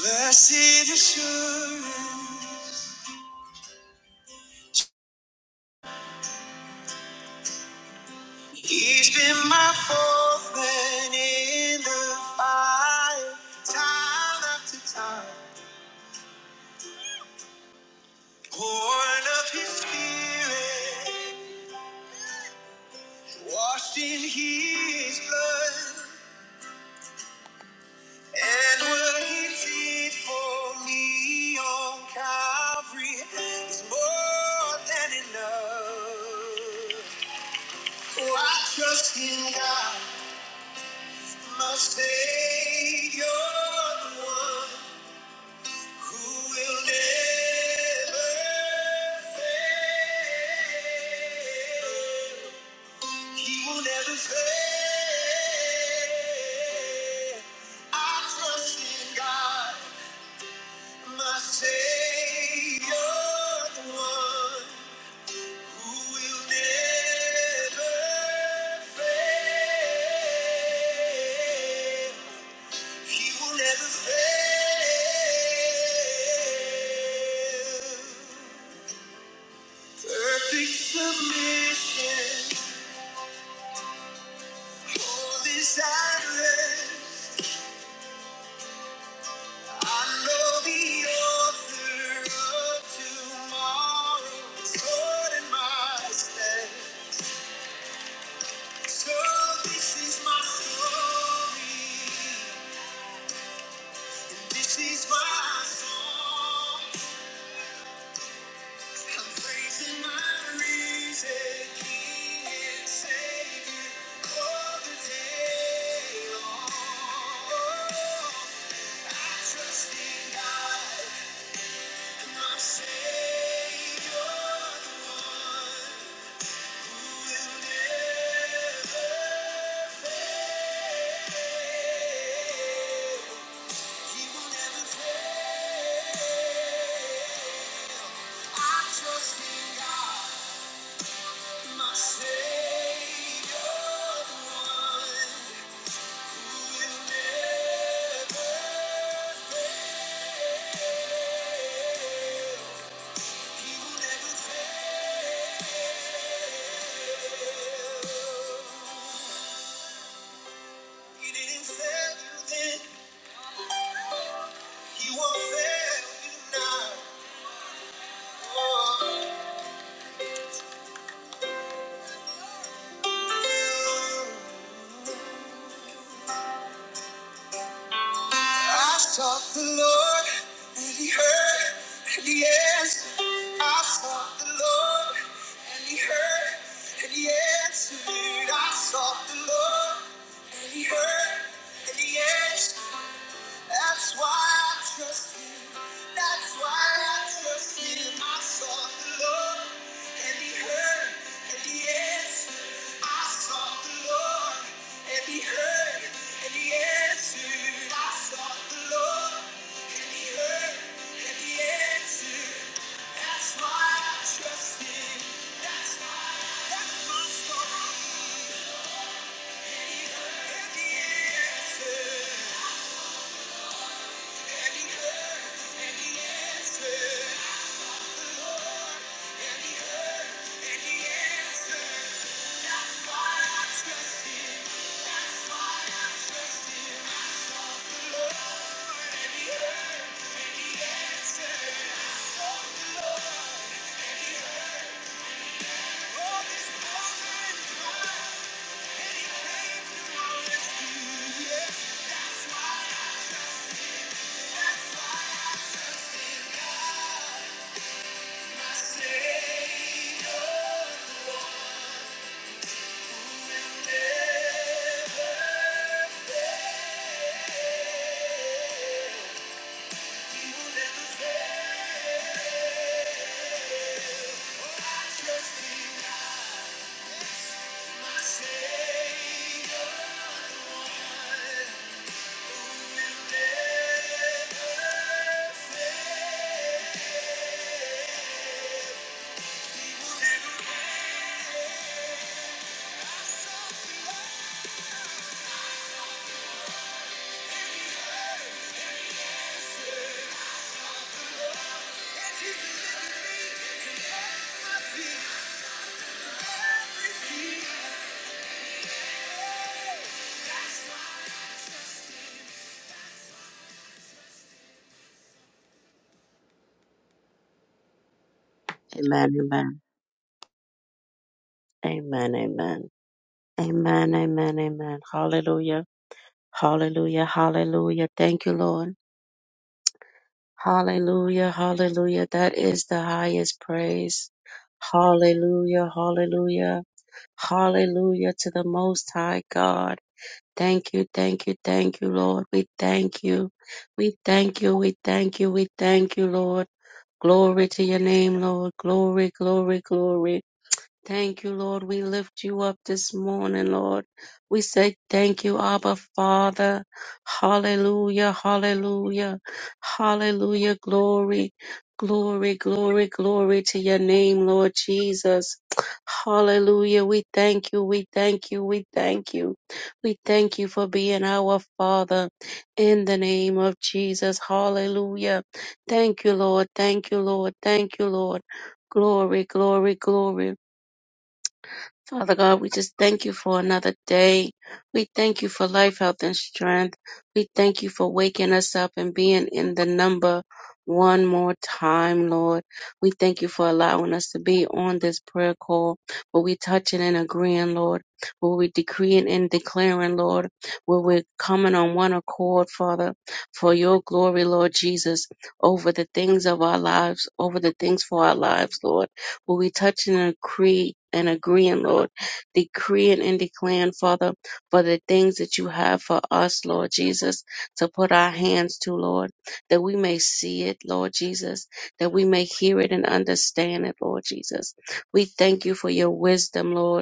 Blessed assurance, he's been my fourth man in the fire, time after time. Born of his spirit, washed in his blood, and what he did for me on Calvary is more than enough. Oh, I trust in God. My Savior, the one who will never fail. He will never fail. I trust in God, my Savior, the one who will never fail. He will never fail. Perfect submission, all is at rest. I know the author of tomorrow is holding my step. So this is my story, and this is my song. I trust in God. Oh. I sought the Lord, and he heard, and he answered. I sought the Lord, and he heard, and he answered. I sought the Lord, and he heard, and he answered. That's why I trust you. That's why I trust him. I sought the Lord, and he heard, and he answered. I sought the Lord, and he heard, and he answered. I sought the Lord, and he heard, and he answered. That's why I trust him. That's why. That's my story. And he answered, and he heard, and he answered. Savior, the Yeah. Amen, amen, amen, amen, amen, amen, amen. Hallelujah, hallelujah, hallelujah. Thank you, Lord. Hallelujah, hallelujah. That is the highest praise. Hallelujah, hallelujah, hallelujah to the Most High God. Thank you, thank you, thank you, Lord. We thank you. We thank you, we thank you, we thank you, Lord. Glory to your name, Lord. Glory, glory, glory. Thank you, Lord. We lift you up this morning, Lord. We say thank you, Abba Father. Hallelujah, hallelujah, hallelujah. Glory, glory, glory, glory to your name, Lord Jesus. Hallelujah. We thank you, we thank you, we thank you. We thank you for being our Father in the name of Jesus. Hallelujah. Thank you, Lord. Thank you, Lord. Thank you, Lord. Glory, glory, glory. Father God, we just thank you for another day. We thank you for life, health, and strength. We thank you for waking us up and being in the number one more time, Lord. We thank you for allowing us to be on this prayer call where we're touching and agreeing, Lord, where we're decreeing and declaring, Lord, where we're coming on one accord, Father, for your glory, Lord Jesus, over the things of our lives, over the things for our lives, Lord. Will we touch and agree and agreeing, Lord, decreeing and declaring, Father, for the things that you have for us, Lord Jesus, to put our hands to, Lord, that we may see it, Lord Jesus, that we may hear it and understand it, Lord Jesus. We thank you for your wisdom, Lord.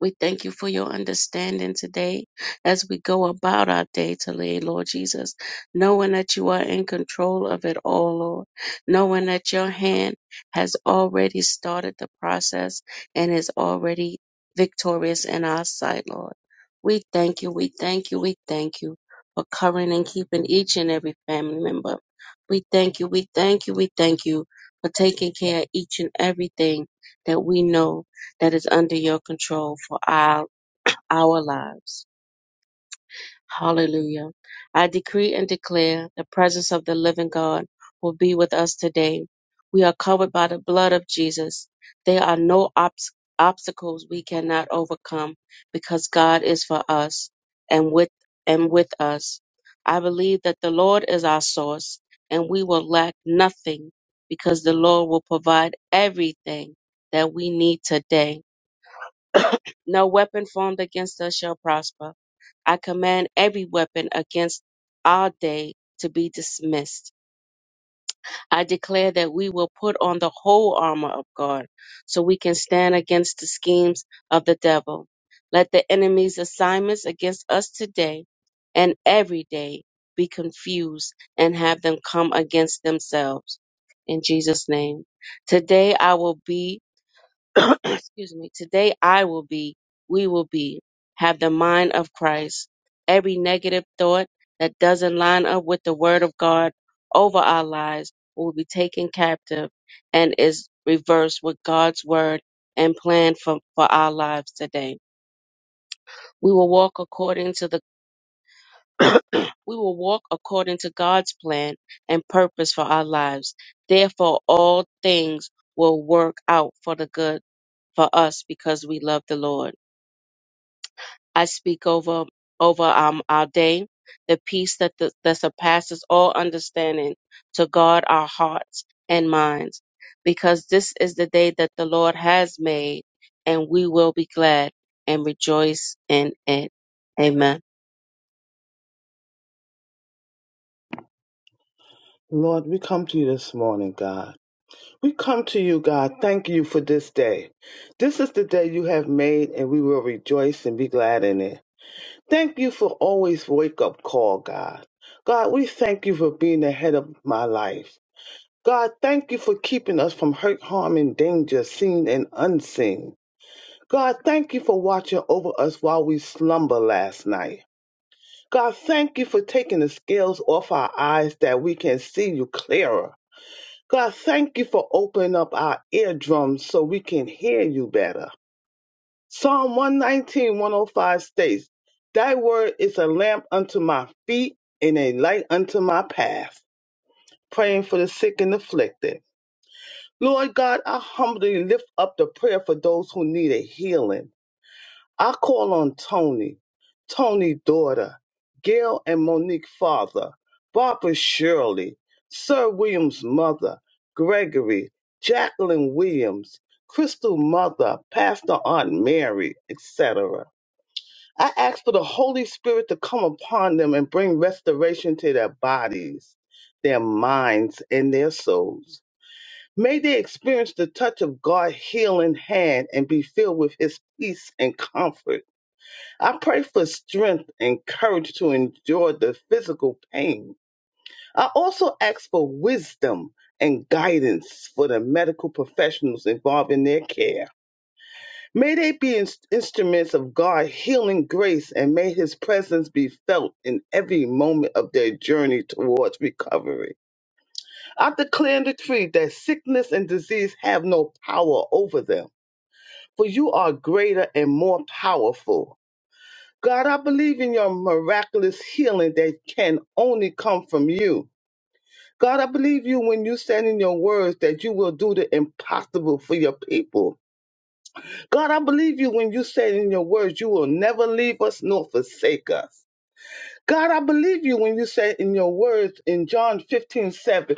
We thank you for your understanding today as we go about our day today, Lord Jesus, knowing that you are in control of it all, Lord, knowing that your hand has already started the process and is already victorious in our sight, Lord. We thank you, we thank you, we thank you for covering and keeping each and every family member. We thank you, we thank you, we thank you for taking care of each and everything that we know that is under your control for our, our lives. Hallelujah. I decree and declare the presence of the living God will be with us today. We are covered by the blood of Jesus. There are no obs- obstacles we cannot overcome because God is for us and with and with us. I believe that the Lord is our source and we will lack nothing because the Lord will provide everything that we need today. No weapon formed against us shall prosper. I command every weapon against our day to be dismissed. I declare that we will put on the whole armor of God so we can stand against the schemes of the devil. Let the enemy's assignments against us today and every day be confused and have them come against themselves. In Jesus' name. Today I will be excuse me, today I will be, we will be, have the mind of Christ. Every negative thought that doesn't line up with the word of God over our lives will be taken captive and is reversed with God's word and plan for, for our lives today. We will walk according to the we will walk according to God's plan and purpose for our lives. Therefore all things will work out for the good for us because we love the Lord. I speak over over um, our day, the peace that the, that surpasses all understanding, to guard our hearts and minds, because this is the day that the Lord has made, and we will be glad and rejoice in it. Amen. Lord, we come to you this morning, God. We come to you, God. Thank you for this day. This is the day you have made, and we will rejoice and be glad in it. Thank you for always wake up call, God. God, we thank you for being ahead of my life. God, thank you for keeping us from hurt, harm, and danger, seen and unseen. God, thank you for watching over us while we slumber last night. God, thank you for taking the scales off our eyes that we can see you clearer. God, thank you for opening up our eardrums so we can hear you better. Psalm 119, 105 states, Thy word is a lamp unto my feet and a light unto my path. Praying for the sick and afflicted. Lord God, I humbly lift up the prayer for those who need a healing. I call on Tony, Tony daughter, Gail and Monique father, Barbara Shirley, Sir William's mother, Gregory, Jacqueline Williams, Crystal mother, Pastor Aunt Mary, etc. I ask for the Holy Spirit to come upon them and bring restoration to their bodies, their minds, and their souls. May they experience the touch of God's healing hand and be filled with his peace and comfort I pray for strength and courage to endure the physical pain. I also ask for wisdom and guidance for the medical professionals involved in their care. May they be ins- instruments of God's healing grace and may his presence be felt in every moment of their journey towards recovery. I declare and decree that sickness and disease have no power over them, for you are greater and more powerful. God, I believe in your miraculous healing that can only come from you. God, I believe you when you said in your words that you will do the impossible for your people. God, I believe you when you said in your words you will never leave us nor forsake us. God, I believe you when you said in your words in John 15 7,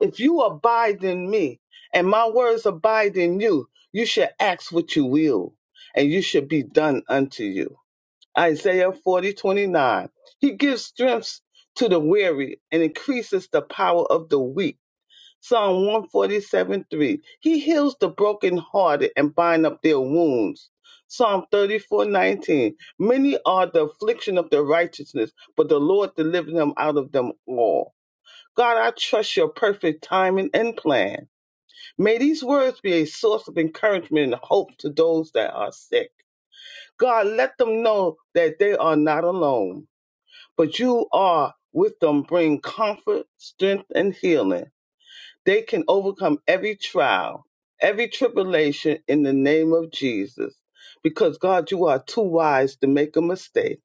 if you abide in me and my words abide in you, you shall ask what you will and you shall be done unto you. Isaiah 40 29. He gives strength to the weary and increases the power of the weak. Psalm 147, 3. He heals the brokenhearted and bind up their wounds. Psalm 34 19. Many are the affliction of the righteousness, but the Lord delivered them out of them all. God, I trust your perfect timing and plan. May these words be a source of encouragement and hope to those that are sick. God, let them know that they are not alone but you are with them bring comfort, strength, and healing. They can overcome every trial, every tribulation in the name of Jesus. Because God, you are too wise to make a mistake.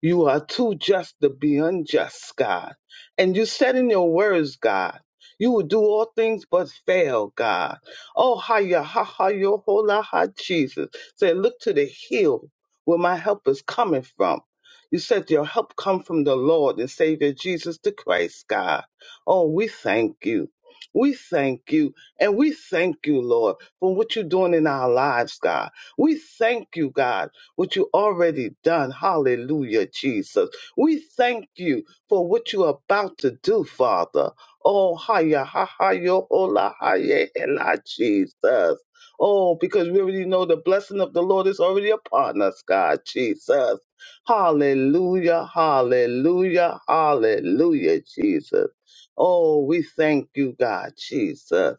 You are too just to be unjust, God. And you said in your words, God, you will do all things but fail, God. Oh, hi, ya, ha, ha, yo, ho, la, ha, Jesus. Said, look to the hill where my help is coming from. You said your help come from the Lord and Savior Jesus the Christ, God. Oh, we thank you. We thank you. And we thank you, Lord, for what you're doing in our lives, God. We thank you, God what you already done. Hallelujah, Jesus. We thank you for what you're about to do, Father. Oh, hiya, ha, ha, yo, hola, hiya, ela, Jesus. Oh, because we already know the blessing of the Lord is already upon us, God, Jesus. Hallelujah, hallelujah, hallelujah, Jesus. Oh, we thank you, God, Jesus,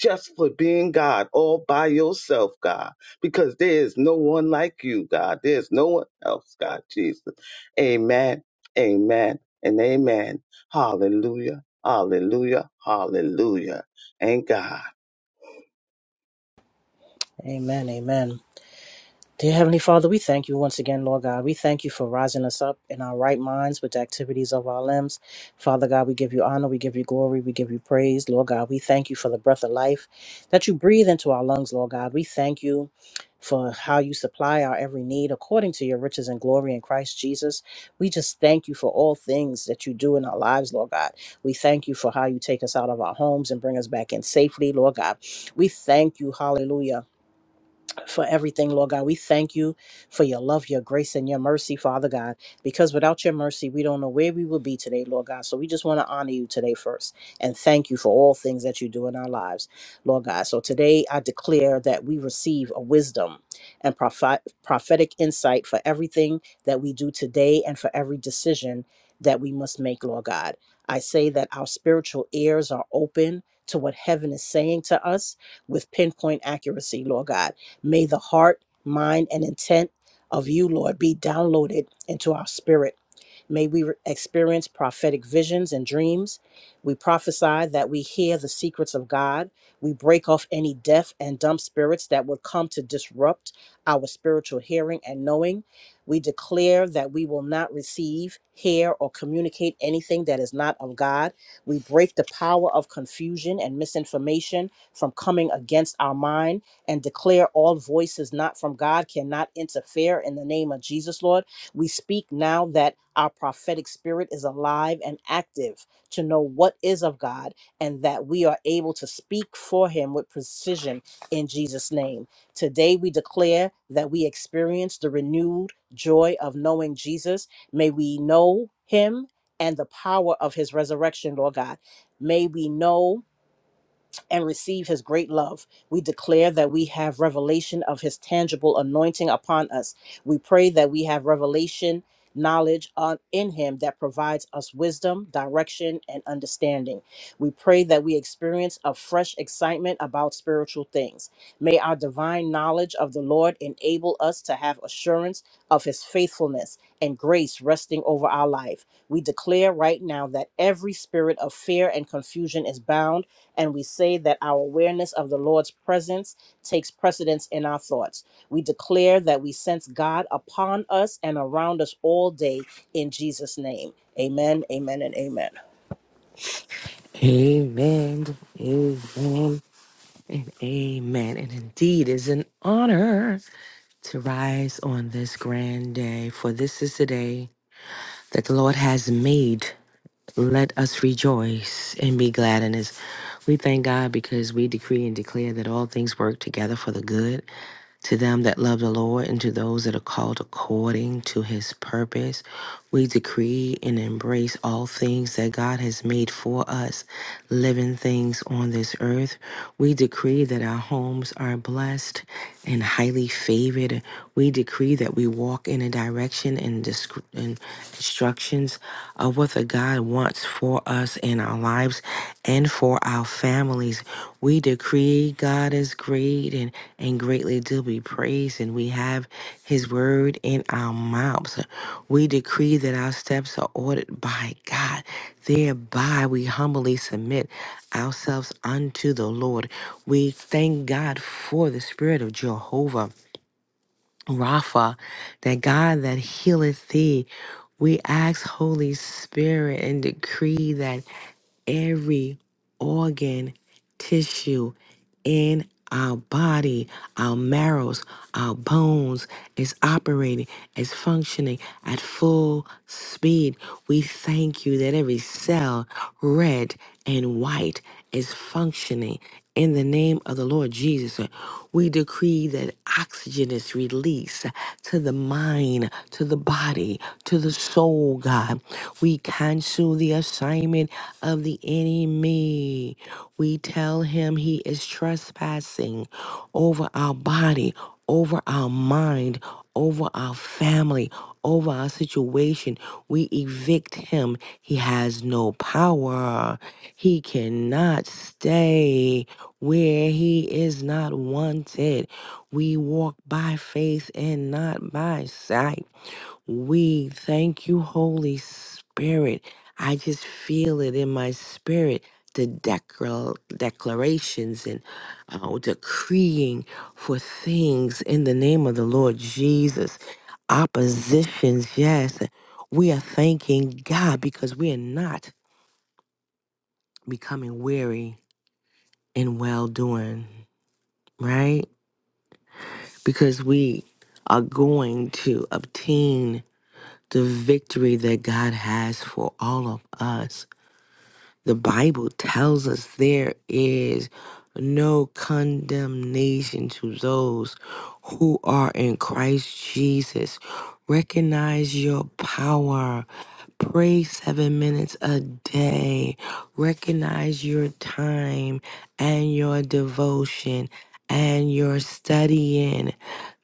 just for being God all by yourself, God because there is no one like you, God. There's no one else, God Jesus. Amen, amen, and amen. Hallelujah, hallelujah, hallelujah. And God. Amen, amen. Dear Heavenly Father, we thank you once again, Lord God. We thank you for rising us up in our right minds with the activities of our limbs. Father God, we give you honor, we give you glory, we give you praise. Lord God, we thank you for the breath of life that you breathe into our lungs, Lord God. We thank you for how you supply our every need according to your riches and glory in Christ Jesus. We just thank you for all things that you do in our lives, Lord God. We thank you for how you take us out of our homes and bring us back in safely, Lord God. We thank you, hallelujah for everything, Lord God. We thank you for your love, your grace, and your mercy, Father God, because without your mercy, we don't know where we would be today, Lord God. So we just want to honor you today first and thank you for all things that you do in our lives, Lord God. So today, I declare that we receive a wisdom and prophet- prophetic insight for everything that we do today and for every decision that we must make, Lord God. I say that our spiritual ears are open to what heaven is saying to us with pinpoint accuracy, Lord God May the heart, mind, and intent of you, Lord, be downloaded into our spirit May we re- experience prophetic visions and dreams. We prophesy that we hear the secrets of God. We break off any deaf and dumb spirits that would come to disrupt our spiritual hearing and knowing. We declare that we will not receive, hear, or communicate anything that is not of God. We break the power of confusion and misinformation from coming against our mind and declare all voices not from God cannot interfere in the name of Jesus, Lord. We speak now that our prophetic spirit is alive and active to know what is of God and that we are able to speak for Him with precision in Jesus' name. Today, we declare that we experience the renewed joy of knowing Jesus. May we know Him and the power of His resurrection, Lord God. May we know and receive his great love. We declare that we have revelation of his tangible anointing upon us. We pray that we have revelation knowledge on, in him that provides us wisdom, direction, and understanding. We pray that we experience a fresh excitement about spiritual things. May our divine knowledge of the Lord enable us to have assurance of his faithfulness and grace resting over our life. We declare right now that every spirit of fear and confusion is bound and we say that our awareness of the Lord's presence takes precedence in our thoughts. We declare that we sense God upon us and around us all day in Jesus' name. Amen, amen, and amen. Amen, amen, and amen. And indeed, is an honor to rise on this grand day, for this is the day that the Lord has made. Let us rejoice and be glad in this. We thank God because we decree and declare that all things work together for the good to them that love the Lord and to those that are called according to his purpose. We decree and embrace all things that God has made for us, living things on this earth. We decree that our homes are blessed and highly favored. We decree that we walk in a direction and, disc- and instructions of what the God wants for us in our lives and for our families. We decree God is great and, and greatly to be praised, and we have his word in our mouths. We decree that our steps are ordered by God. Thereby we humbly submit ourselves unto the Lord. We thank God for the spirit of Jehovah Rapha, that God that healeth thee. We ask, Holy Spirit, and decree that every organ, tissue in our body, our marrows, our bones is operating, is functioning at full speed. We thank you that every cell, red and white, is functioning in the name of the Lord Jesus. We decree that oxygen is released to the mind, to the body, to the soul, God. We cancel the assignment of the enemy. We tell him he is trespassing over our body, over our mind, over our family, over our situation. We evict him. He has no power. He cannot stay where he is not wanted. We walk by faith and not by sight. We thank you, Holy Spirit. I just feel it in my spirit. The declar- declarations and uh, decreeing for things in the name of the Lord Jesus. Oppositions, yes. We are thanking God because we are not becoming weary in well doing, right? Because we are going to obtain the victory that God has for all of us. The Bible tells us there is no condemnation to those who are in Christ Jesus. Recognize your power Pray seven minutes a day. Recognize your time and your devotion and your studying.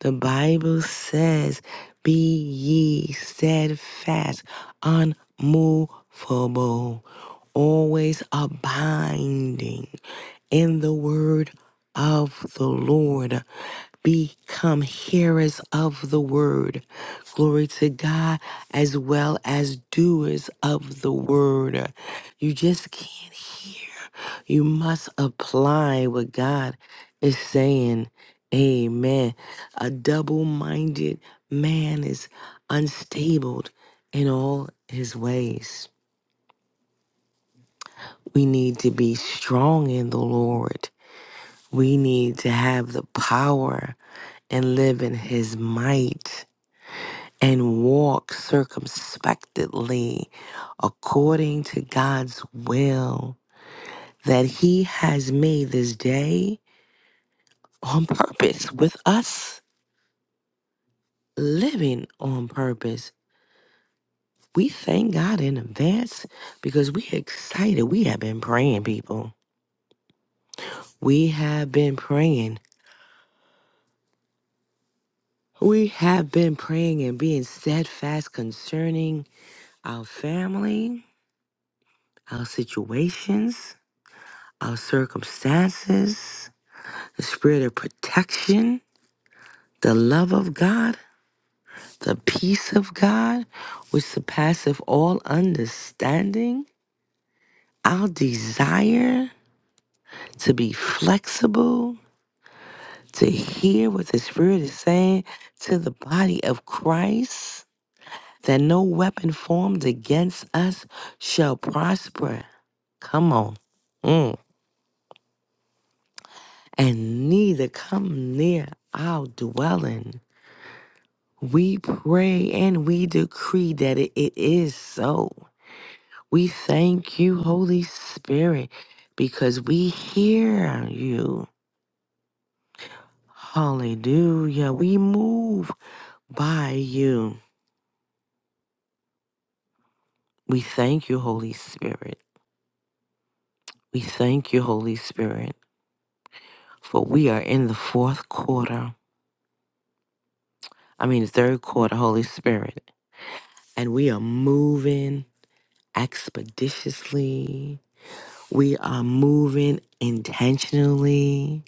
The Bible says, Be ye steadfast, unmovable, always abiding in the word of the Lord. Become hearers of the word. Glory to God, as well as doers of the word. You just can't hear. You must apply what God is saying. Amen. A double minded man is unstable in all his ways. We need to be strong in the Lord. We need to have the power and live in his might and walk circumspectly according to God's will that he has made this day on purpose with us living on purpose. We thank God in advance because we excited. We have been praying, people. We have been praying. We have been praying and being steadfast concerning our family, our situations, our circumstances, the spirit of protection, the love of God, the peace of God, which surpasseth all understanding, our desire to be flexible, to hear what the Spirit is saying to the body of Christ, that no weapon formed against us shall prosper. Come on. Mm. And neither come near our dwelling. We pray and we decree that it, it is so. We thank you, Holy Spirit, because we hear you. Hallelujah. We move by you. We thank you, Holy Spirit. We thank you, Holy Spirit, for we are in the fourth quarter. I mean, the third quarter, Holy Spirit, and we are moving expeditiously. We are moving intentionally.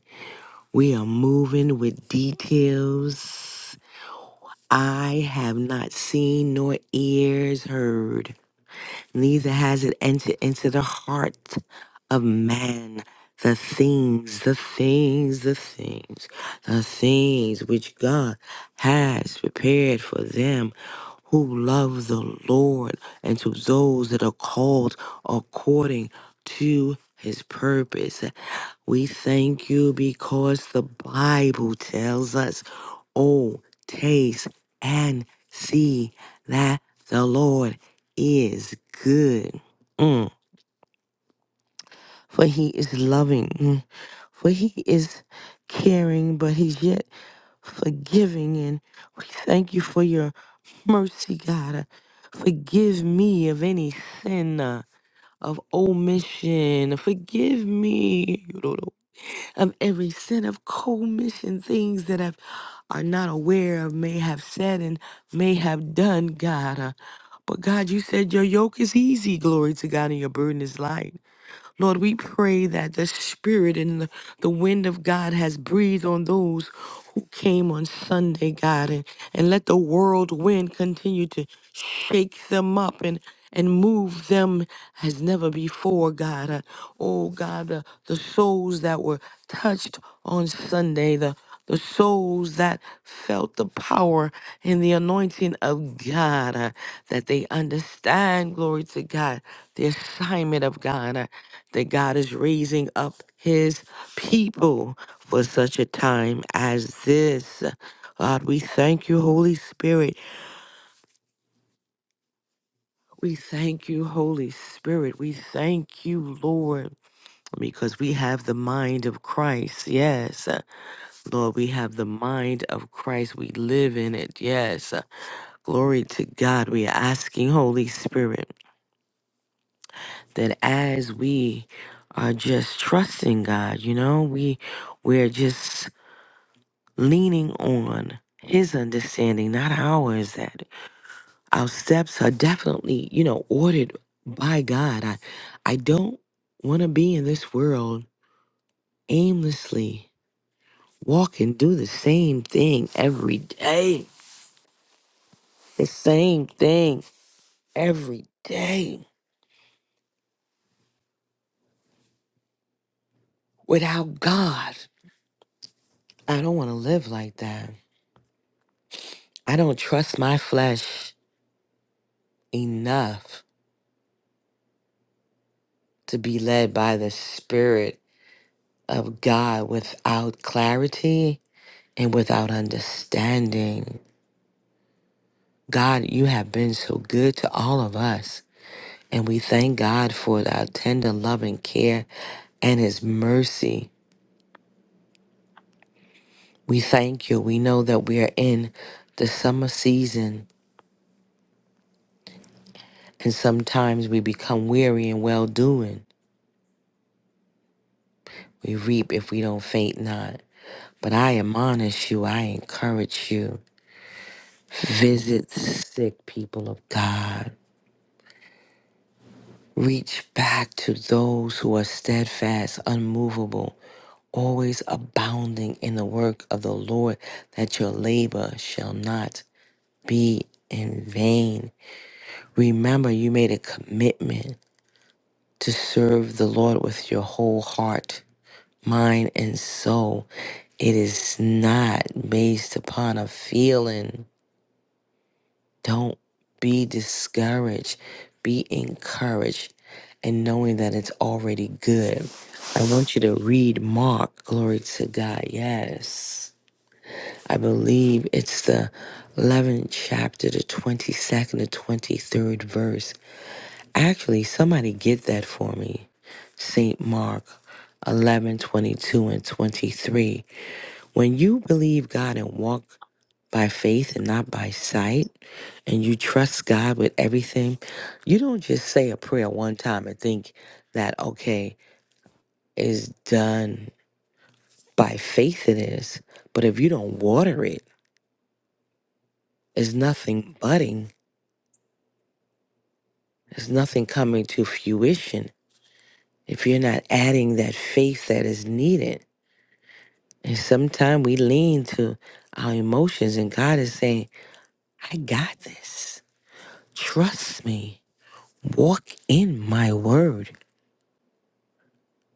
We are moving with details I have not seen nor ears heard, neither has it entered into the heart of man. The things, the things, the things, the things which God has prepared for them who love the Lord and to those that are called according to his purpose. We thank you because the Bible tells us, oh, taste and see that the Lord is good. Mm. For he is loving, Mm. for he is caring, but he's yet forgiving. And we thank you for your mercy, God. Uh, Forgive me of any sin uh, of omission. Forgive me. of every sin of commission, things that I've are not aware of, may have said and may have done, God. Uh, but God, you said your yoke is easy, glory to God, and your burden is light. Lord, we pray that the spirit and the the wind of God has breathed on those who came on Sunday, God, and, and let the world wind continue to shake them up and and move them as never before, God. Uh, oh, God, the, the souls that were touched on Sunday, the the souls that felt the power and the anointing of God, uh, that they understand, glory to God, the assignment of God, uh, that God is raising up His people for such a time as this. God, we thank you, Holy Spirit. We thank you, Holy Spirit. We thank you, Lord, because we have the mind of Christ. Yes. Lord, we have the mind of Christ. We live in it. Yes. Glory to God. We are asking, Holy Spirit, that as we are just trusting God, you know, we we're just leaning on his understanding, not ours, that our steps are definitely, you know, ordered by God. I I don't want to be in this world aimlessly walking, do the same thing every day. The same thing every day without God. I don't want to live like that. I don't trust my flesh enough to be led by the Spirit of God without clarity and without understanding. God, you have been so good to all of us. And we thank God for our tender love and care and his mercy. We thank you. We know that we are in the summer season and sometimes we become weary and well doing. We reap if we don't faint not. But I admonish you, I encourage you. Visit the sick people of God. Reach back to those who are steadfast, unmovable, always abounding in the work of the Lord, that your labor shall not be in vain. Remember, you made a commitment to serve the Lord with your whole heart, mind, and soul. It is not based upon a feeling. Don't be discouraged. Be encouraged and knowing that it's already good. I want you to read Mark, glory to God. Yes. I believe it's the 11th chapter, the 22nd to 23rd verse. Actually, somebody get that for me. St. Mark 11 22 and 23. When you believe God and walk by faith and not by sight, and you trust God with everything, you don't just say a prayer one time and think that, okay, is done by faith it is. But if you don't water it, there's nothing budding, there's nothing coming to fruition if you're not adding that faith that is needed. And sometimes we lean to our emotions, and God is saying, I got this. Trust me. Walk in my word.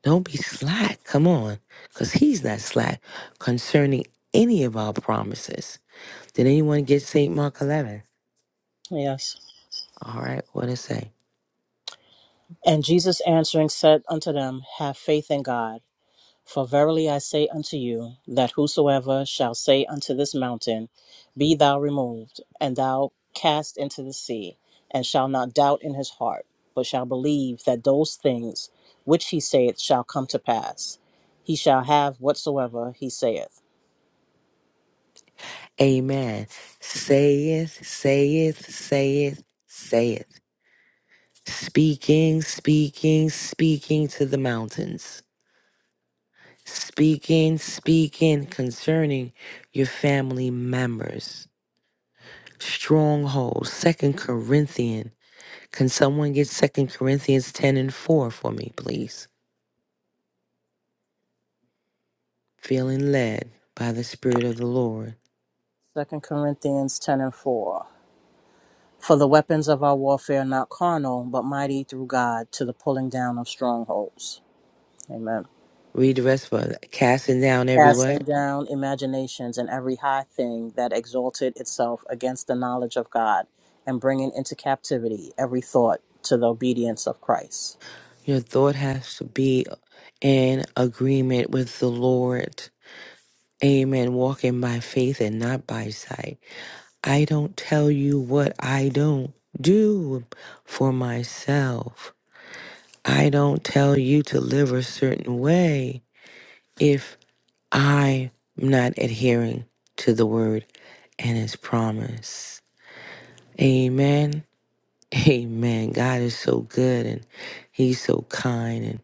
Don't be slack. Come on. Because he's not slack concerning any of our promises. Did anyone get St. Mark 11? Yes. All right. What it say? And Jesus answering said unto them, Have faith in God. For verily I say unto you, that whosoever shall say unto this mountain, Be thou removed, and thou cast into the sea, and shall not doubt in his heart, but shall believe that those things which he saith shall come to pass, he shall have whatsoever he saith. Amen. Saith, saith, saith, saith. Speaking, speaking, speaking to the mountains. Speaking, speaking concerning your family members. Strongholds. Second Corinthians. Can someone get Second Corinthians 10 and 4 for me, please? feeling led by the Spirit of the Lord. Second Corinthians 10 and 4. For the weapons of our warfare are not carnal, but mighty through God to the pulling down of strongholds. Amen. Read the rest for us. Casting down every casting what? down imaginations and every high thing that exalted itself against the knowledge of God, and bringing into captivity every thought to the obedience of Christ. Your thought has to be in agreement with the Lord. Amen. Walking by faith and not by sight. I don't tell you what I don't do for myself. I don't tell you to live a certain way if I'm not adhering to the word and his promise. Amen. Amen. God is so good and He's so kind. And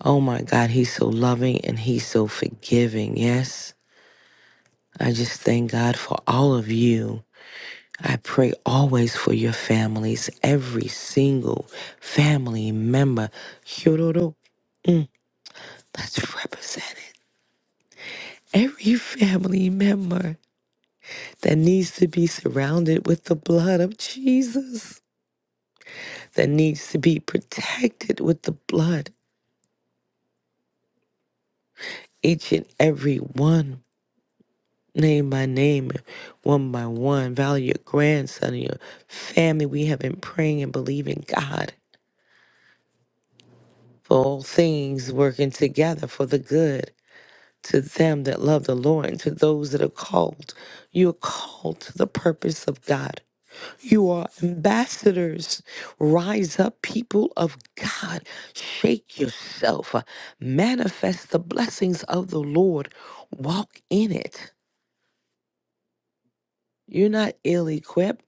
oh my God, He's so loving and He's so forgiving. Yes. I just thank God for all of you. I pray always for your families, every single family member. Yororo. Mm, That's represented. Every family member that needs to be surrounded with the blood of Jesus, that needs to be protected with the blood, each and every one. name by name and one by one. Value your grandson and your family. We have been praying and believing God for all things working together for the good to them that love the Lord and to those that are called. You are called to the purpose of God. You are ambassadors. Rise up, people of God. Shake yourself. Manifest the blessings of the Lord. Walk in it. You're not ill equipped.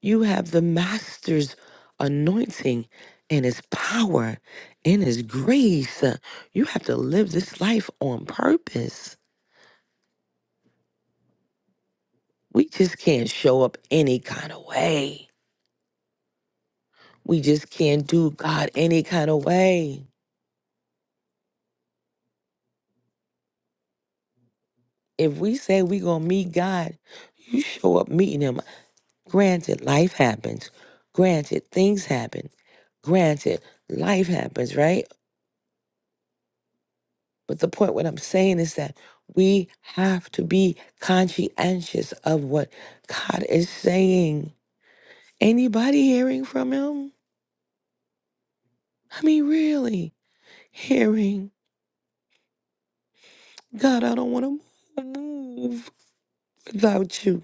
You have the master's anointing and his power and his grace. You have to live this life on purpose. We just can't show up any kind of way. We just can't do God any kind of way. If we say we going to meet God, you show up meeting him. Granted, life happens. Granted, things happen. Granted, life happens, right? But the point, what I'm saying is that we have to be conscientious of what God is saying. Anybody hearing from Him? I mean, really hearing. God, I don't want to move without you.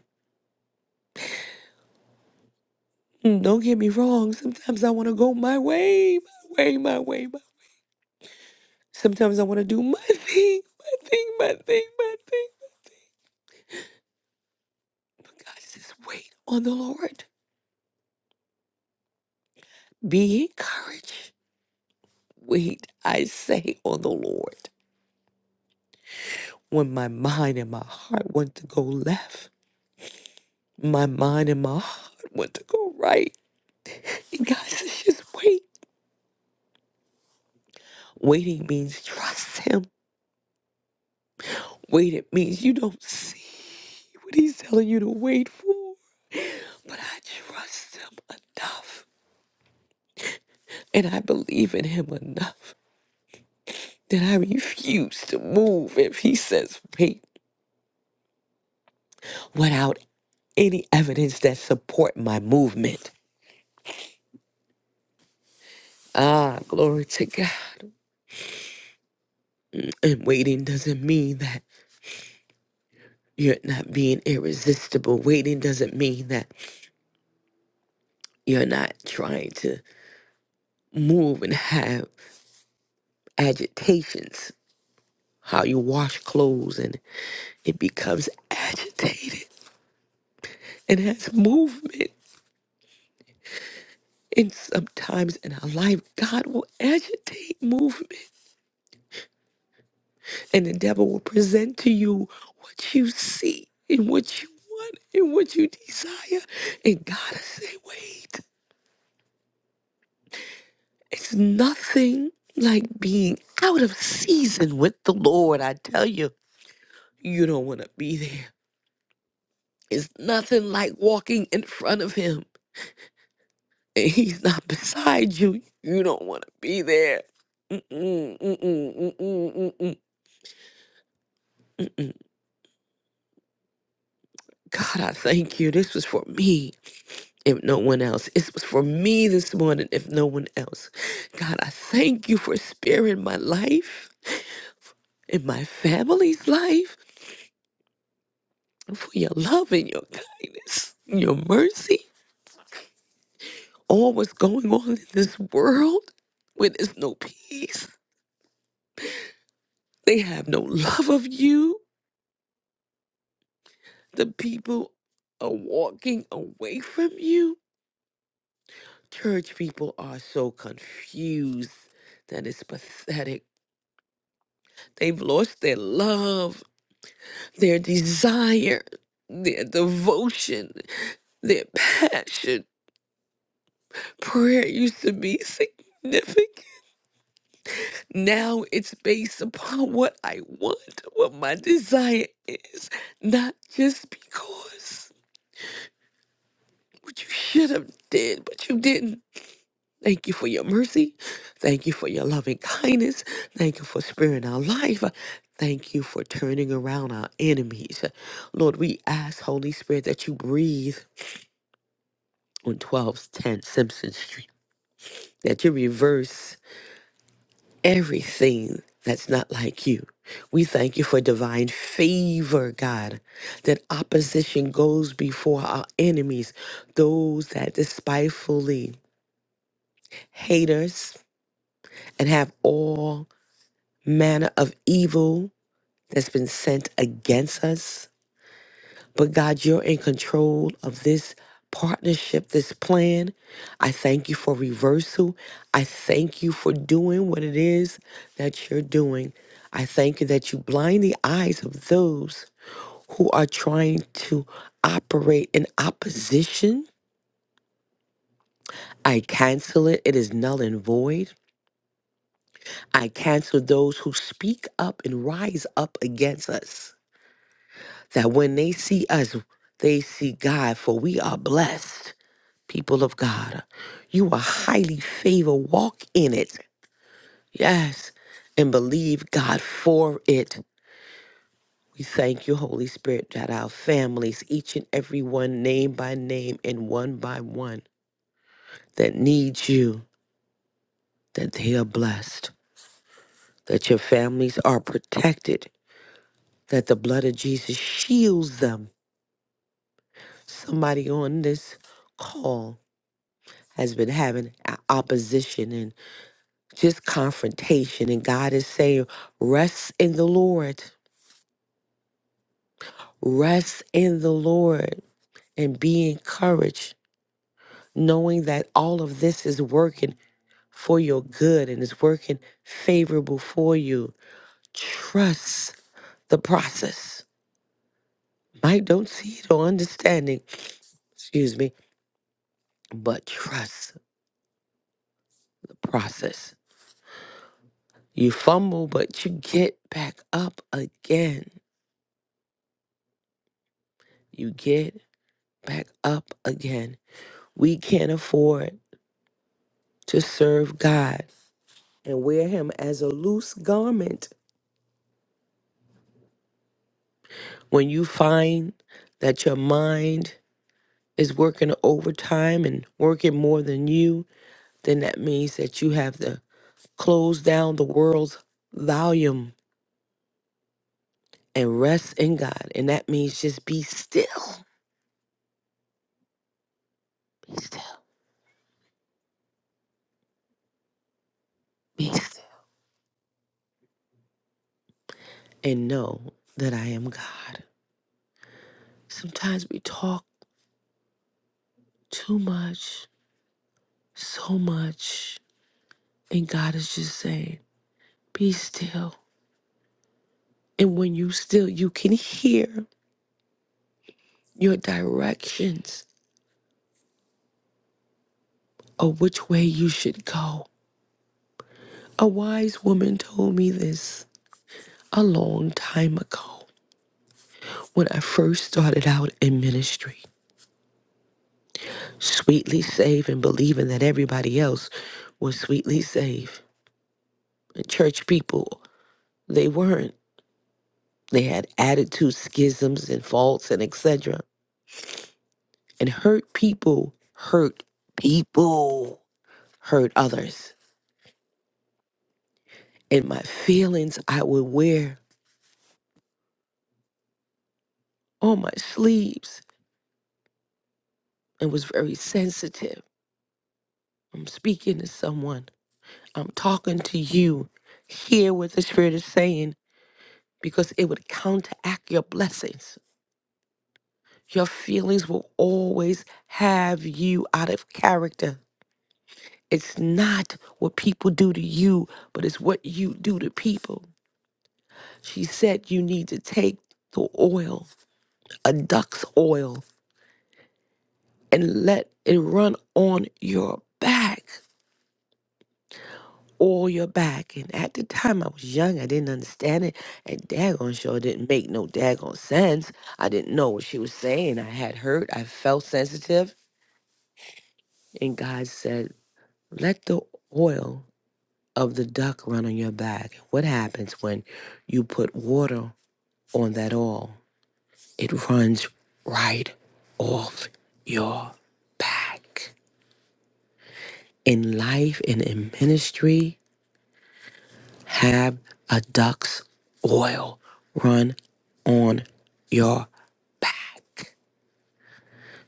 Mm, Don't get me wrong. Sometimes I want to go my way, my way, my way. My... Sometimes I want to do my thing, my thing, my thing, my thing. But God says, wait on the Lord. Be encouraged. Wait, I say, on the Lord. when my mind and my heart want to go left, my mind and my heart want to go right. And God says, just wait. Waiting means trust Him. Waiting means you don't see what He's telling you to wait for. But I trust Him enough and I believe in Him enough that I refuse to move if He says wait without any evidence that support my movement. Ah, glory to God. And waiting doesn't mean that You're not being irresistible. Waiting doesn't mean that you're not trying to move and have agitations. How you wash clothes and it becomes agitated and has movement. And sometimes in our life, God will agitate movement and the devil will present to you what you see and what you want and what you desire. And God will say, wait. It's nothing like being out of season with the Lord. I tell you, you don't want to be there. It's nothing like walking in front of Him and He's not beside you. You don't want to be there. Mm-mm, mm-mm, mm-mm, mm-mm, mm-mm. God, I thank you. This was for me, if no one else. It was for me this morning, if no one else. God, I thank you for sparing my life and my family's life. for your love and your kindness, and your mercy. All what's going on in this world where there's no peace, they have no love of you. The people are walking away from you. Church people are so confused that it's pathetic. They've lost their love, their desire, their devotion, their passion. Prayer used to be significant. Now it's based upon what I want, what my desire is, not just because what you should have did, but you didn't. Thank you for your mercy. Thank you for your loving kindness. Thank you for sparing our life. Thank you for turning around our enemies. Lord, we ask, Holy Spirit, that you breathe on 1210 Simpson Street, that you reverse everything that's not like you. We thank you for divine favor, God, that opposition goes before our enemies, those that despitefully hate us and have all manner of evil that's been sent against us. But God, you're in control of this partnership, this plan. I thank you for reversal. I thank you for doing what it is that you're doing. I thank you that you blind the eyes of those who are trying to operate in opposition. I cancel it. It is null and void. I cancel those who speak up and rise up against us. That when they see us, they see God, for we are blessed. people of God. You are highly favored. Walk in it. Yes. And believe God for it. We thank you, Holy Spirit, that our families, each and every one, name by name and one by one, that needs you, that they are blessed, that your families are protected, that the blood of Jesus shields them. Somebody on this call has been having a- opposition just confrontation. And God is saying, rest in the Lord, rest in the Lord, and be encouraged, knowing that all of this is working for your good and is working favorable for you. Trust the process. Might don't see it or understanding, excuse me, but trust the process. You fumble, but you get back up again. You get back up again. We can't afford to serve God and wear Him as a loose garment. When you find that your mind is working overtime and working more than you, then that means that you have to close down the world's volume and rest in God. And that means just be still, be still, be still, and know that I am God. Sometimes we talk too much, so much, and God is just saying, Be still. And when you still, you can hear your directions of which way you should go. A wise woman told me this a long time ago when I first started out in ministry, sweetly saved and believing that everybody else was sweetly saved. The church people, they weren't. They had attitudes, schisms, and faults, and etc. And hurt people hurt people, hurt others. and my feelings I would wear on my sleeves and was very sensitive. I'm speaking to someone, I'm talking to you. Hear what the Spirit is saying because it would counteract your blessings. Your feelings will always have you out of character. It's not what people do to you, but it's what you do to people. She said you need to take the oil, a duck's oil. and let it run on your back, all your back. And at the time I was young, I didn't understand it. And daggone sure didn't make no daggone sense. I didn't know what she was saying. I had hurt, I felt sensitive. And God said, Let the oil of the duck run on your back. What happens when you put water on that oil? It runs right off your back. In life and in ministry, Have a duck's oil run on your back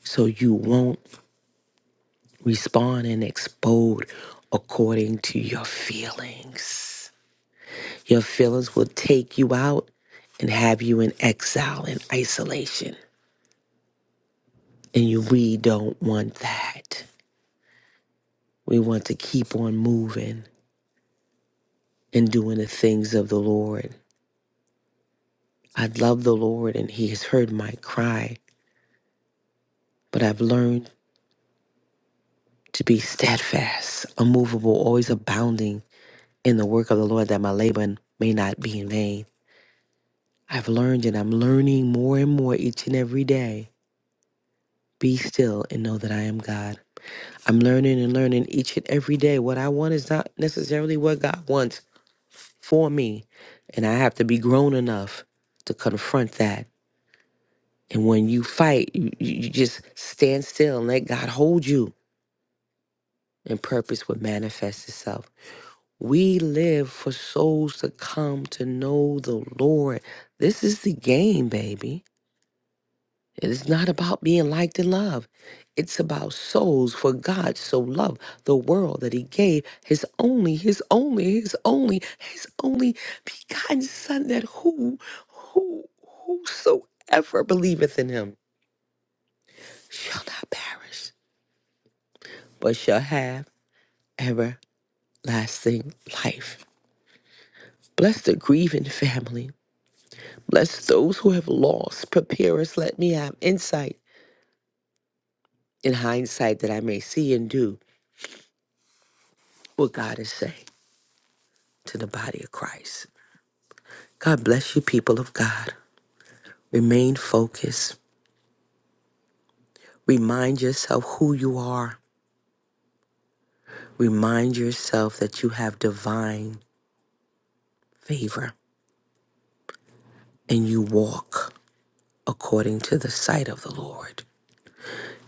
so you won't respond and explode according to your feelings. Your feelings will take you out and have you in exile and isolation. And you, we don't want that. We want to keep on moving and doing the things of the Lord. I love the Lord and He has heard my cry, but I've learned to be steadfast, unmovable, always abounding in the work of the Lord, that my labor may not be in vain. I've learned and I'm learning more and more each and every day. Be still and know that I am God. I'm learning and learning each and every day. What I want is not necessarily what God wants for me. And I have to be grown enough to confront that. And when you fight, you, you you just stand still and let God hold you, and purpose would manifest itself. We live for souls to come to know the Lord. This is the game, baby. It is not about being liked and loved. It's about souls for God so loved the world that he gave his only, his only, his only, his only begotten son that who, who, whosoever believeth in him shall not perish, but shall have everlasting life. Bless the grieving family. Lest those who have lost prepare us, let me have insight and hindsight that I may see and do what God is saying to the body of Christ. God bless you, people of God. Remain focused. Remind yourself who you are. Remind yourself that you have divine favor and you walk according to the sight of the Lord.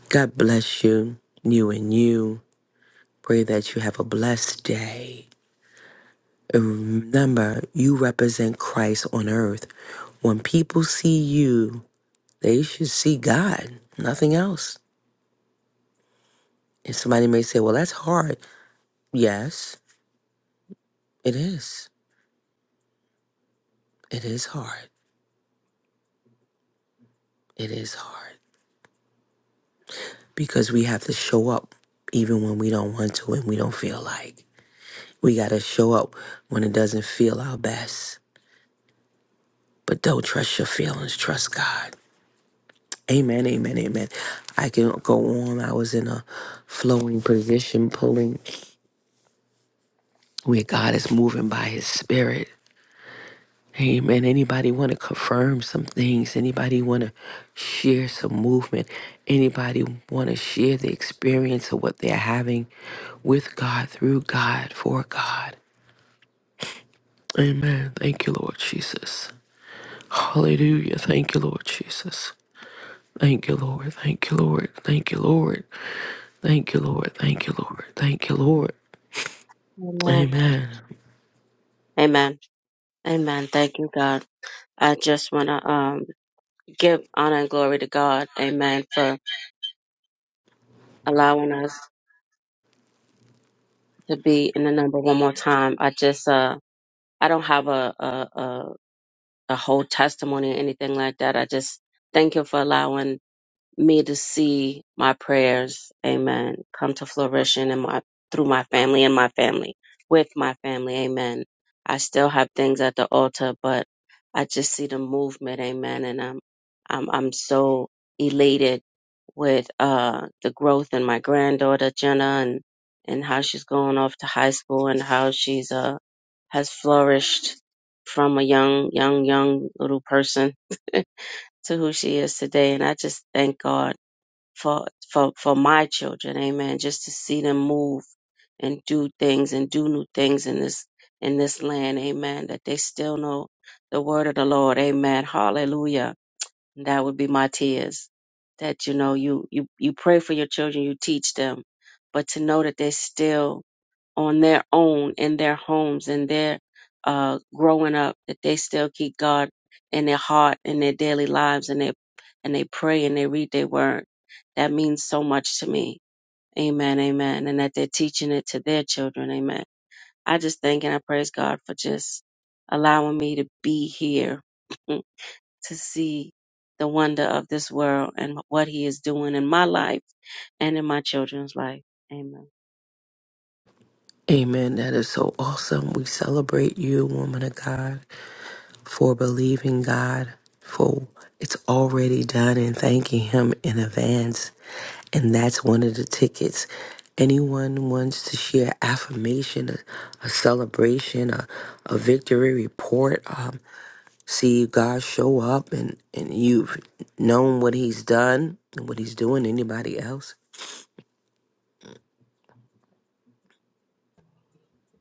God bless you, you and you. Pray that you have a blessed day. Remember, you represent Christ on earth. When people see you, they should see God, nothing else. And somebody may say, well, that's hard. Yes, it is. It is hard. It is hard because we have to show up even when we don't want to and we don't feel like. We got to show up when it doesn't feel our best. But don't trust your feelings, trust God. Amen, amen, amen. I can go on. I was in a flowing position, pulling. where God is moving by his spirit. Amen. Anybody want to confirm some things? Anybody want to share some movement? Anybody want to share the experience of what they're having with God, through God, for God? Amen. Thank you, Lord Jesus. Hallelujah. Thank you, Lord Jesus. Thank you, Lord. Thank you, Lord. Thank you, Lord. Thank you, Lord. Thank you, Lord. Thank you, Lord. Amen. Amen. Amen. Amen. Thank you, God. I just want to um, give honor and glory to God. Amen. For allowing us to be in the number one more time. I just uh, I don't have a, a, a a whole testimony or anything like that. I just thank you for allowing me to see my prayers, amen, come to fruition in my through my family and my family, with my family, amen. I still have things at the altar, but I just see the movement, amen, and I'm I'm I'm so elated with uh the growth in my granddaughter Jenna and and how she's going off to high school and how she's uh has flourished from a young, young, young little person to who she is today. And I just thank God for, for, for my children. Amen. Just to see them move and do things and do new things in this, in this land. Amen. That they still know the word of the Lord. Amen. Hallelujah. And that would be my tears that, you know, you, you, you pray for your children, you teach them, but to know that they still on their own in their homes and their uh, growing up that they still keep God in their heart in their daily lives and they and they pray and they read their word. That means so much to me. Amen, amen. And that they're teaching it to their children. Amen. I just thank and I praise God for just allowing me to be here to see the wonder of this world and what He is doing in my life and in my children's life. Amen. Amen. That is so awesome. We celebrate you, woman of God, for believing God, for it's already done and thanking Him in advance. And that's one of the tickets. Anyone wants to share affirmation, a, a celebration, a, a victory report, um, see God show up and, and you've known what He's done and what He's doing, anybody else?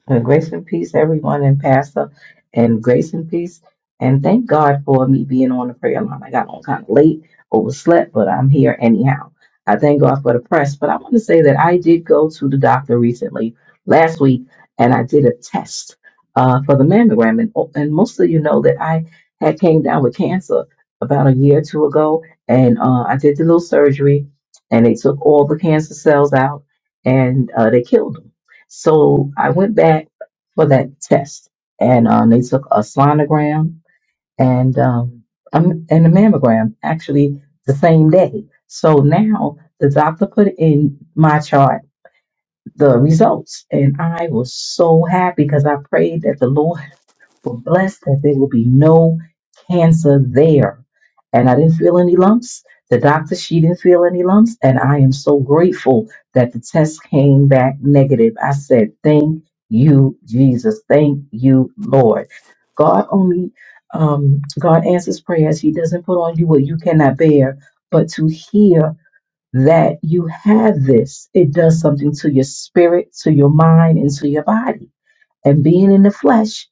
And grace and peace, everyone, and Pastor, and grace and peace. And thank God for me being on the prayer line. I got on kind of late, overslept, but I'm here anyhow. I thank God for the press. But I want to say that I did go to the doctor recently, last week, and I did a test uh, for the mammogram. And, oh, and most of you know that I had came down with cancer about a year or two ago, and uh, I did the little surgery, and they took all the cancer cells out, and uh, they killed them. So I went back for that test, and um, they took a sonogram and um, um, and a mammogram actually the same day. So now the doctor put in my chart the results, and I was so happy because I prayed that the Lord were blessed that there would be no cancer there. And I didn't feel any lumps. The doctor, she didn't feel any lumps. And I am so grateful that the test came back negative. I said, Thank you, Jesus. Thank you, Lord. God only, um, God answers prayers. He doesn't put on you what you cannot bear. But to hear that you have this, it does something to your spirit, to your mind, and to your body and being in the flesh,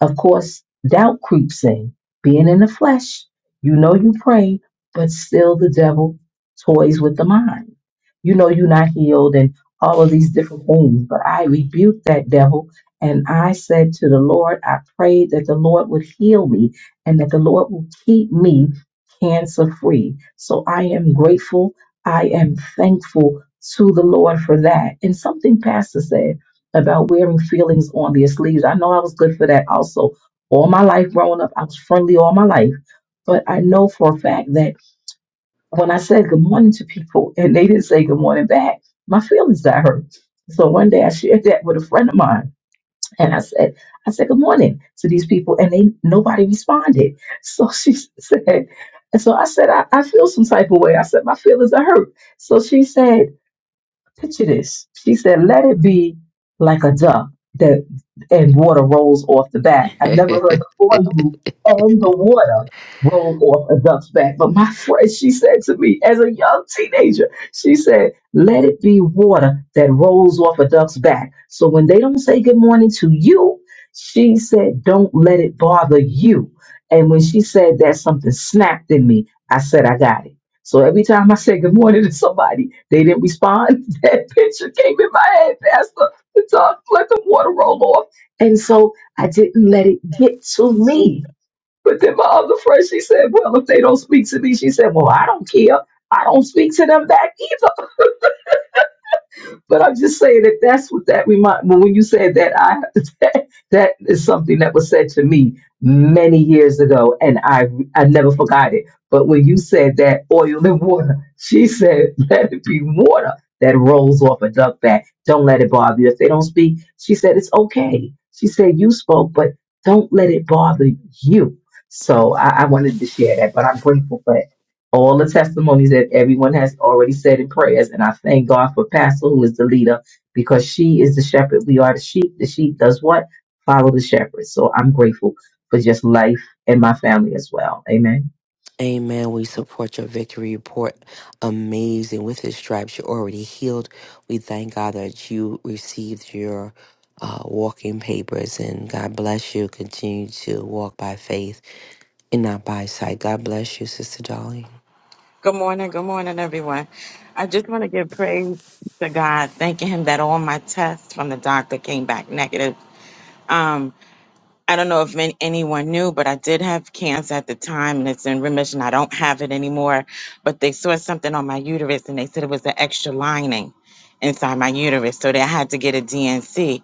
of course, doubt creeps in. Being in the flesh, you know you pray, but still the devil toys with the mind. You know you're not healed and all of these different things. But I rebuked that devil and I said to the Lord, I prayed that the Lord would heal me and that the Lord will keep me cancer free. So I am grateful. I am thankful to the Lord for that. And something Pastor said about wearing feelings on their sleeves. I know I was good for that also. All my life growing up, I was friendly all my life. But I know for a fact that when I said good morning to people and they didn't say good morning back, my feelings got hurt. So one day I shared that with a friend of mine and I said, I said good morning to these people and they nobody responded. So she said, and so I said, I, I feel some type of way. I said, my feelings are hurt. So she said, Picture this. She said, let it be like a duck that and water rolls off the back. I've never heard the oil and the water roll off a duck's back. But my friend, she said to me as a young teenager, she said, let it be water that rolls off a duck's back. So when they don't say good morning to you, she said, don't let it bother you. And when she said that, something snapped in me. I said, I got it. So every time I said good morning to somebody, they didn't respond. That picture came in my head, Pastor. It's all like the water roll off. And so I didn't let it get to me. But then my other friend, she said, Well, if they don't speak to me, she said, Well, I don't care. I don't speak to them back but I'm just saying that that's what that remind. Well, when you said that, I that, that is something that was said to me many years ago, and I I never forgot it. But when you said that oil and water, she said, "Let it be water that rolls off a duck back. Don't let it bother you. If they don't speak, she said it's okay. She said you spoke, but don't let it bother you." So I, I wanted to share that, but I'm grateful for all the testimonies that everyone has already said in prayers. And I thank God for Pastor, who is the leader, because she is the shepherd. We are the sheep. The sheep does what? Follow the shepherd. So I'm grateful for just life and my family as well. Amen. Amen. We support your victory report. Amazing. With his stripes, you're already healed. We thank God that you received your uh, walking papers and God bless you. Continue to walk by faith and not by sight. God bless you, Sister Dolly. Good morning. Good morning, everyone. I just want to give praise to God, thanking Him that all my tests from the doctor came back negative. Um, I don't know if man- anyone knew, but I did have cancer at the time and it's in remission. I don't have it anymore, but they saw something on my uterus and they said it was an extra lining inside my uterus. So they had to get a DNC.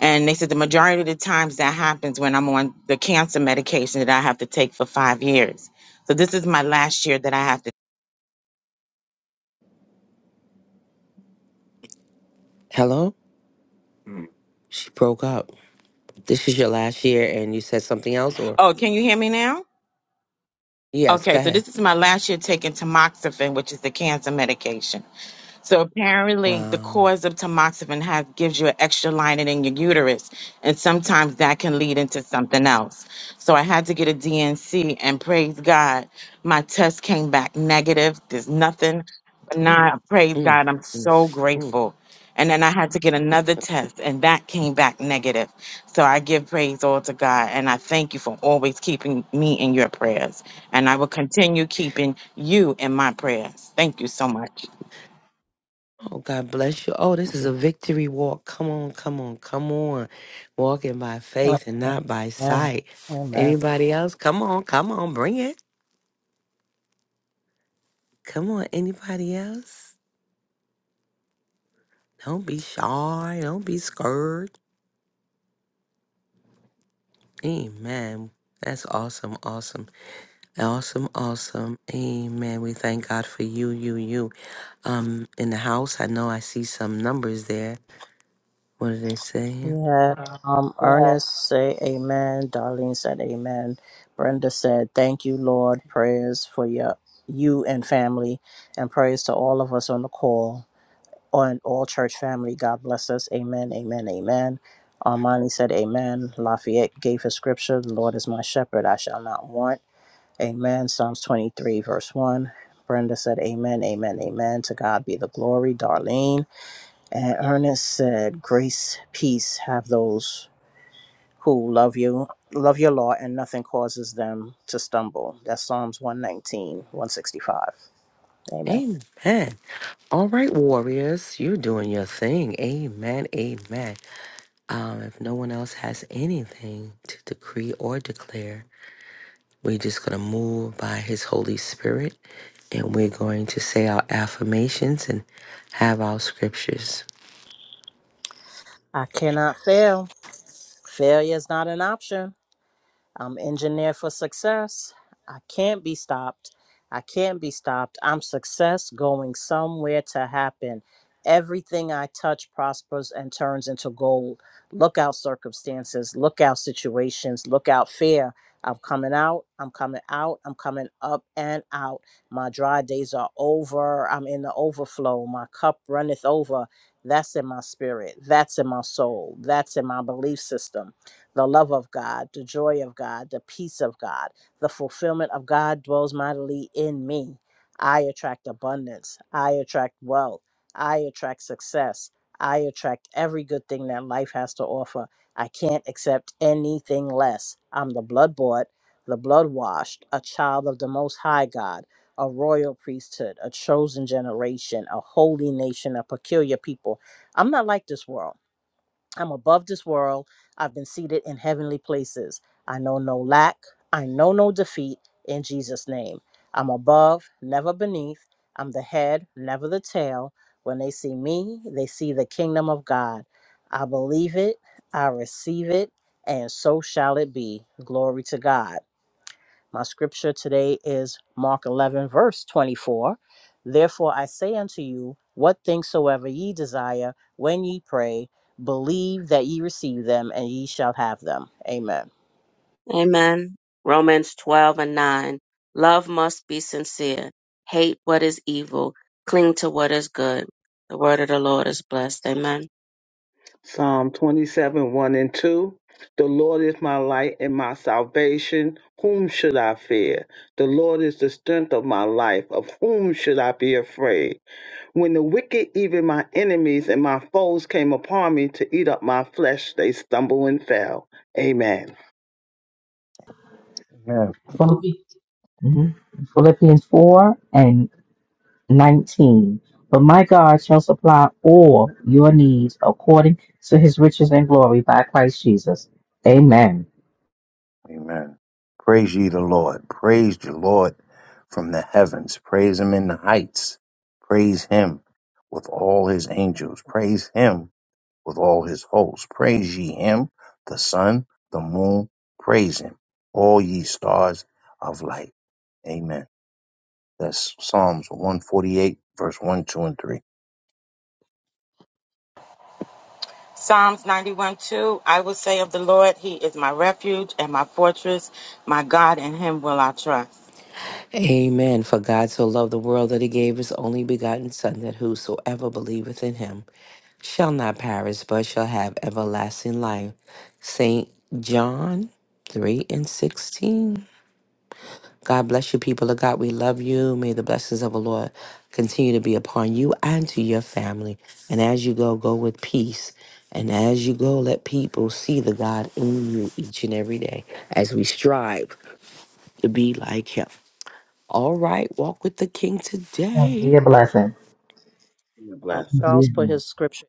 And they said the majority of the times that happens when I'm on the cancer medication that I have to take for five years. So this is my last year that I have to. Hello? She broke up. This is your last year and you said something else or? Oh, can you hear me now? Yes, Okay, go so ahead. this is my last year taking tamoxifen, which is the cancer medication. So apparently, the Wow. cause of tamoxifen has gives you an extra lining in your uterus, and sometimes that can lead into something else. So I had to get a DNC, and praise God, my test came back negative. There's nothing, but Mm, now praise mm, God, I'm so mm, mm. grateful. And then I had to get another test, and that came back negative. So I give praise all to God, and I thank you for always keeping me in your prayers, and I will continue keeping you in my prayers. Thank you so much. Oh, God bless you. Oh, this is a victory walk. Come on, come on, come on. Walking by faith and not by Amen. sight. Amen. Anybody else? Come on, come on, bring it. Come on, anybody else? Don't be shy. Don't be scared. Amen. That's awesome, awesome, awesome, awesome. Amen. We thank God for you, you, you. Um, in the house, I know I see some numbers there. What are they saying? We had um, Yeah. Ernest say amen. Darlene said amen. Brenda said, Thank you, Lord. Prayers for your, you and family, and prayers to all of us on the call. on all church family. God bless us. Amen. Amen. Amen. Armani said, Amen. Lafayette gave his scripture The Lord is my shepherd, I shall not want. Amen. Psalms 23, verse 1. Brenda said, Amen. Amen. Amen. To God be the glory. Darlene. And Ernest said, Grace, peace have those who love you, love your law, and nothing causes them to stumble. That's Psalms one nineteen, one sixty-five. Amen. Amen. All right, warriors, you're doing your thing. Amen. Amen. Um, if no one else has anything to decree or declare, we're just going to move by his Holy Spirit and we're going to say our affirmations and have our scriptures. I cannot fail. Failure is not an option. I'm engineered for success. I can't be stopped. I can't be stopped. I'm success going somewhere to happen. Everything I touch prospers and turns into gold. Look out circumstances, look out situations, look out fear. I'm coming out, I'm coming out, I'm coming up and out. My dry days are over. I'm in the overflow. My cup runneth over. That's in my spirit. That's in my soul. That's in my belief system the love of God, the joy of God, the peace of God, the fulfillment of God dwells mightily in me. I attract abundance. I attract wealth. I attract success. I attract every good thing that life has to offer. I can't accept anything less. I'm the blood bought, the blood washed, a child of the Most High God, a royal priesthood, a chosen generation, a holy nation, a peculiar people. I'm not like this world. I'm above this world. I've been seated in heavenly places. I know no lack. I know no defeat in Jesus' name. I'm above, never beneath. I'm the head, never the tail. When they see me, they see the kingdom of God. I believe it, I receive it, and so shall it be. Glory to God. My scripture today is Mark 11, verse 24. Therefore I say unto you, what things soever ye desire when ye pray, believe that ye receive them, and ye shall have them. Amen. Amen. Romans 12 and 9. Love must be sincere. Hate what is evil. Cling to what is good. The word of the Lord is blessed. Amen. Psalm 27 1 and 2. The Lord is my light and my salvation. Whom should I fear? The Lord is the strength of my life. Of whom should I be afraid? When the wicked, even my enemies and my foes, came upon me to eat up my flesh, they stumbled and fell. Amen. Amen. Philippi- mhm. Philippians 4 and 19. But my God shall supply all your needs according to his riches and glory by Christ Jesus. Amen. Amen. Praise ye the Lord. Praise the Lord from the heavens. Praise him in the heights. Praise him with all his angels. Praise him with all his hosts. Praise ye him, the sun, the moon. Praise him, all ye stars of light. Amen. That's Psalms 148, verse 1, 2, and 3. Psalms 91 2, I will say of the Lord, He is my refuge and my fortress, my God, in Him will I trust. Amen. For God so loved the world that he gave his only begotten Son, that whosoever believeth in him shall not perish, but shall have everlasting life. St. John 3 and 16. God bless you, people of God. We love you. May the blessings of the Lord continue to be upon you and to your family. And as you go, go with peace. And as you go, let people see the God in you each and every day as we strive to be like Him. All right, walk with the King And be today. a blessing. Um, Blessing. Be a Charles put his scripture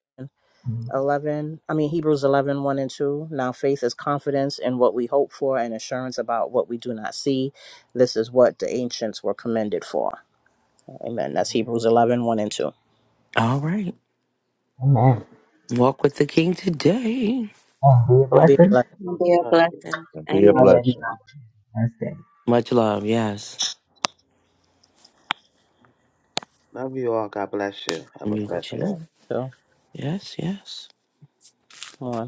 blessing. 11, I mean, Hebrews eleven one and 2. Now faith is confidence in what we hope for and assurance about what we do not see. This is what the ancients were commended for. Amen. That's Hebrews eleven one and 2. All right, Amen. walk with the King today. And be a And be blessing. blessed. And Be a Blessing. blessing. And be a Have a Amen. very nice blessing. Wednesday. Much love. Yes. Love you all. God bless you. Have a You blessed day. too. too. Yes, yes. Come on.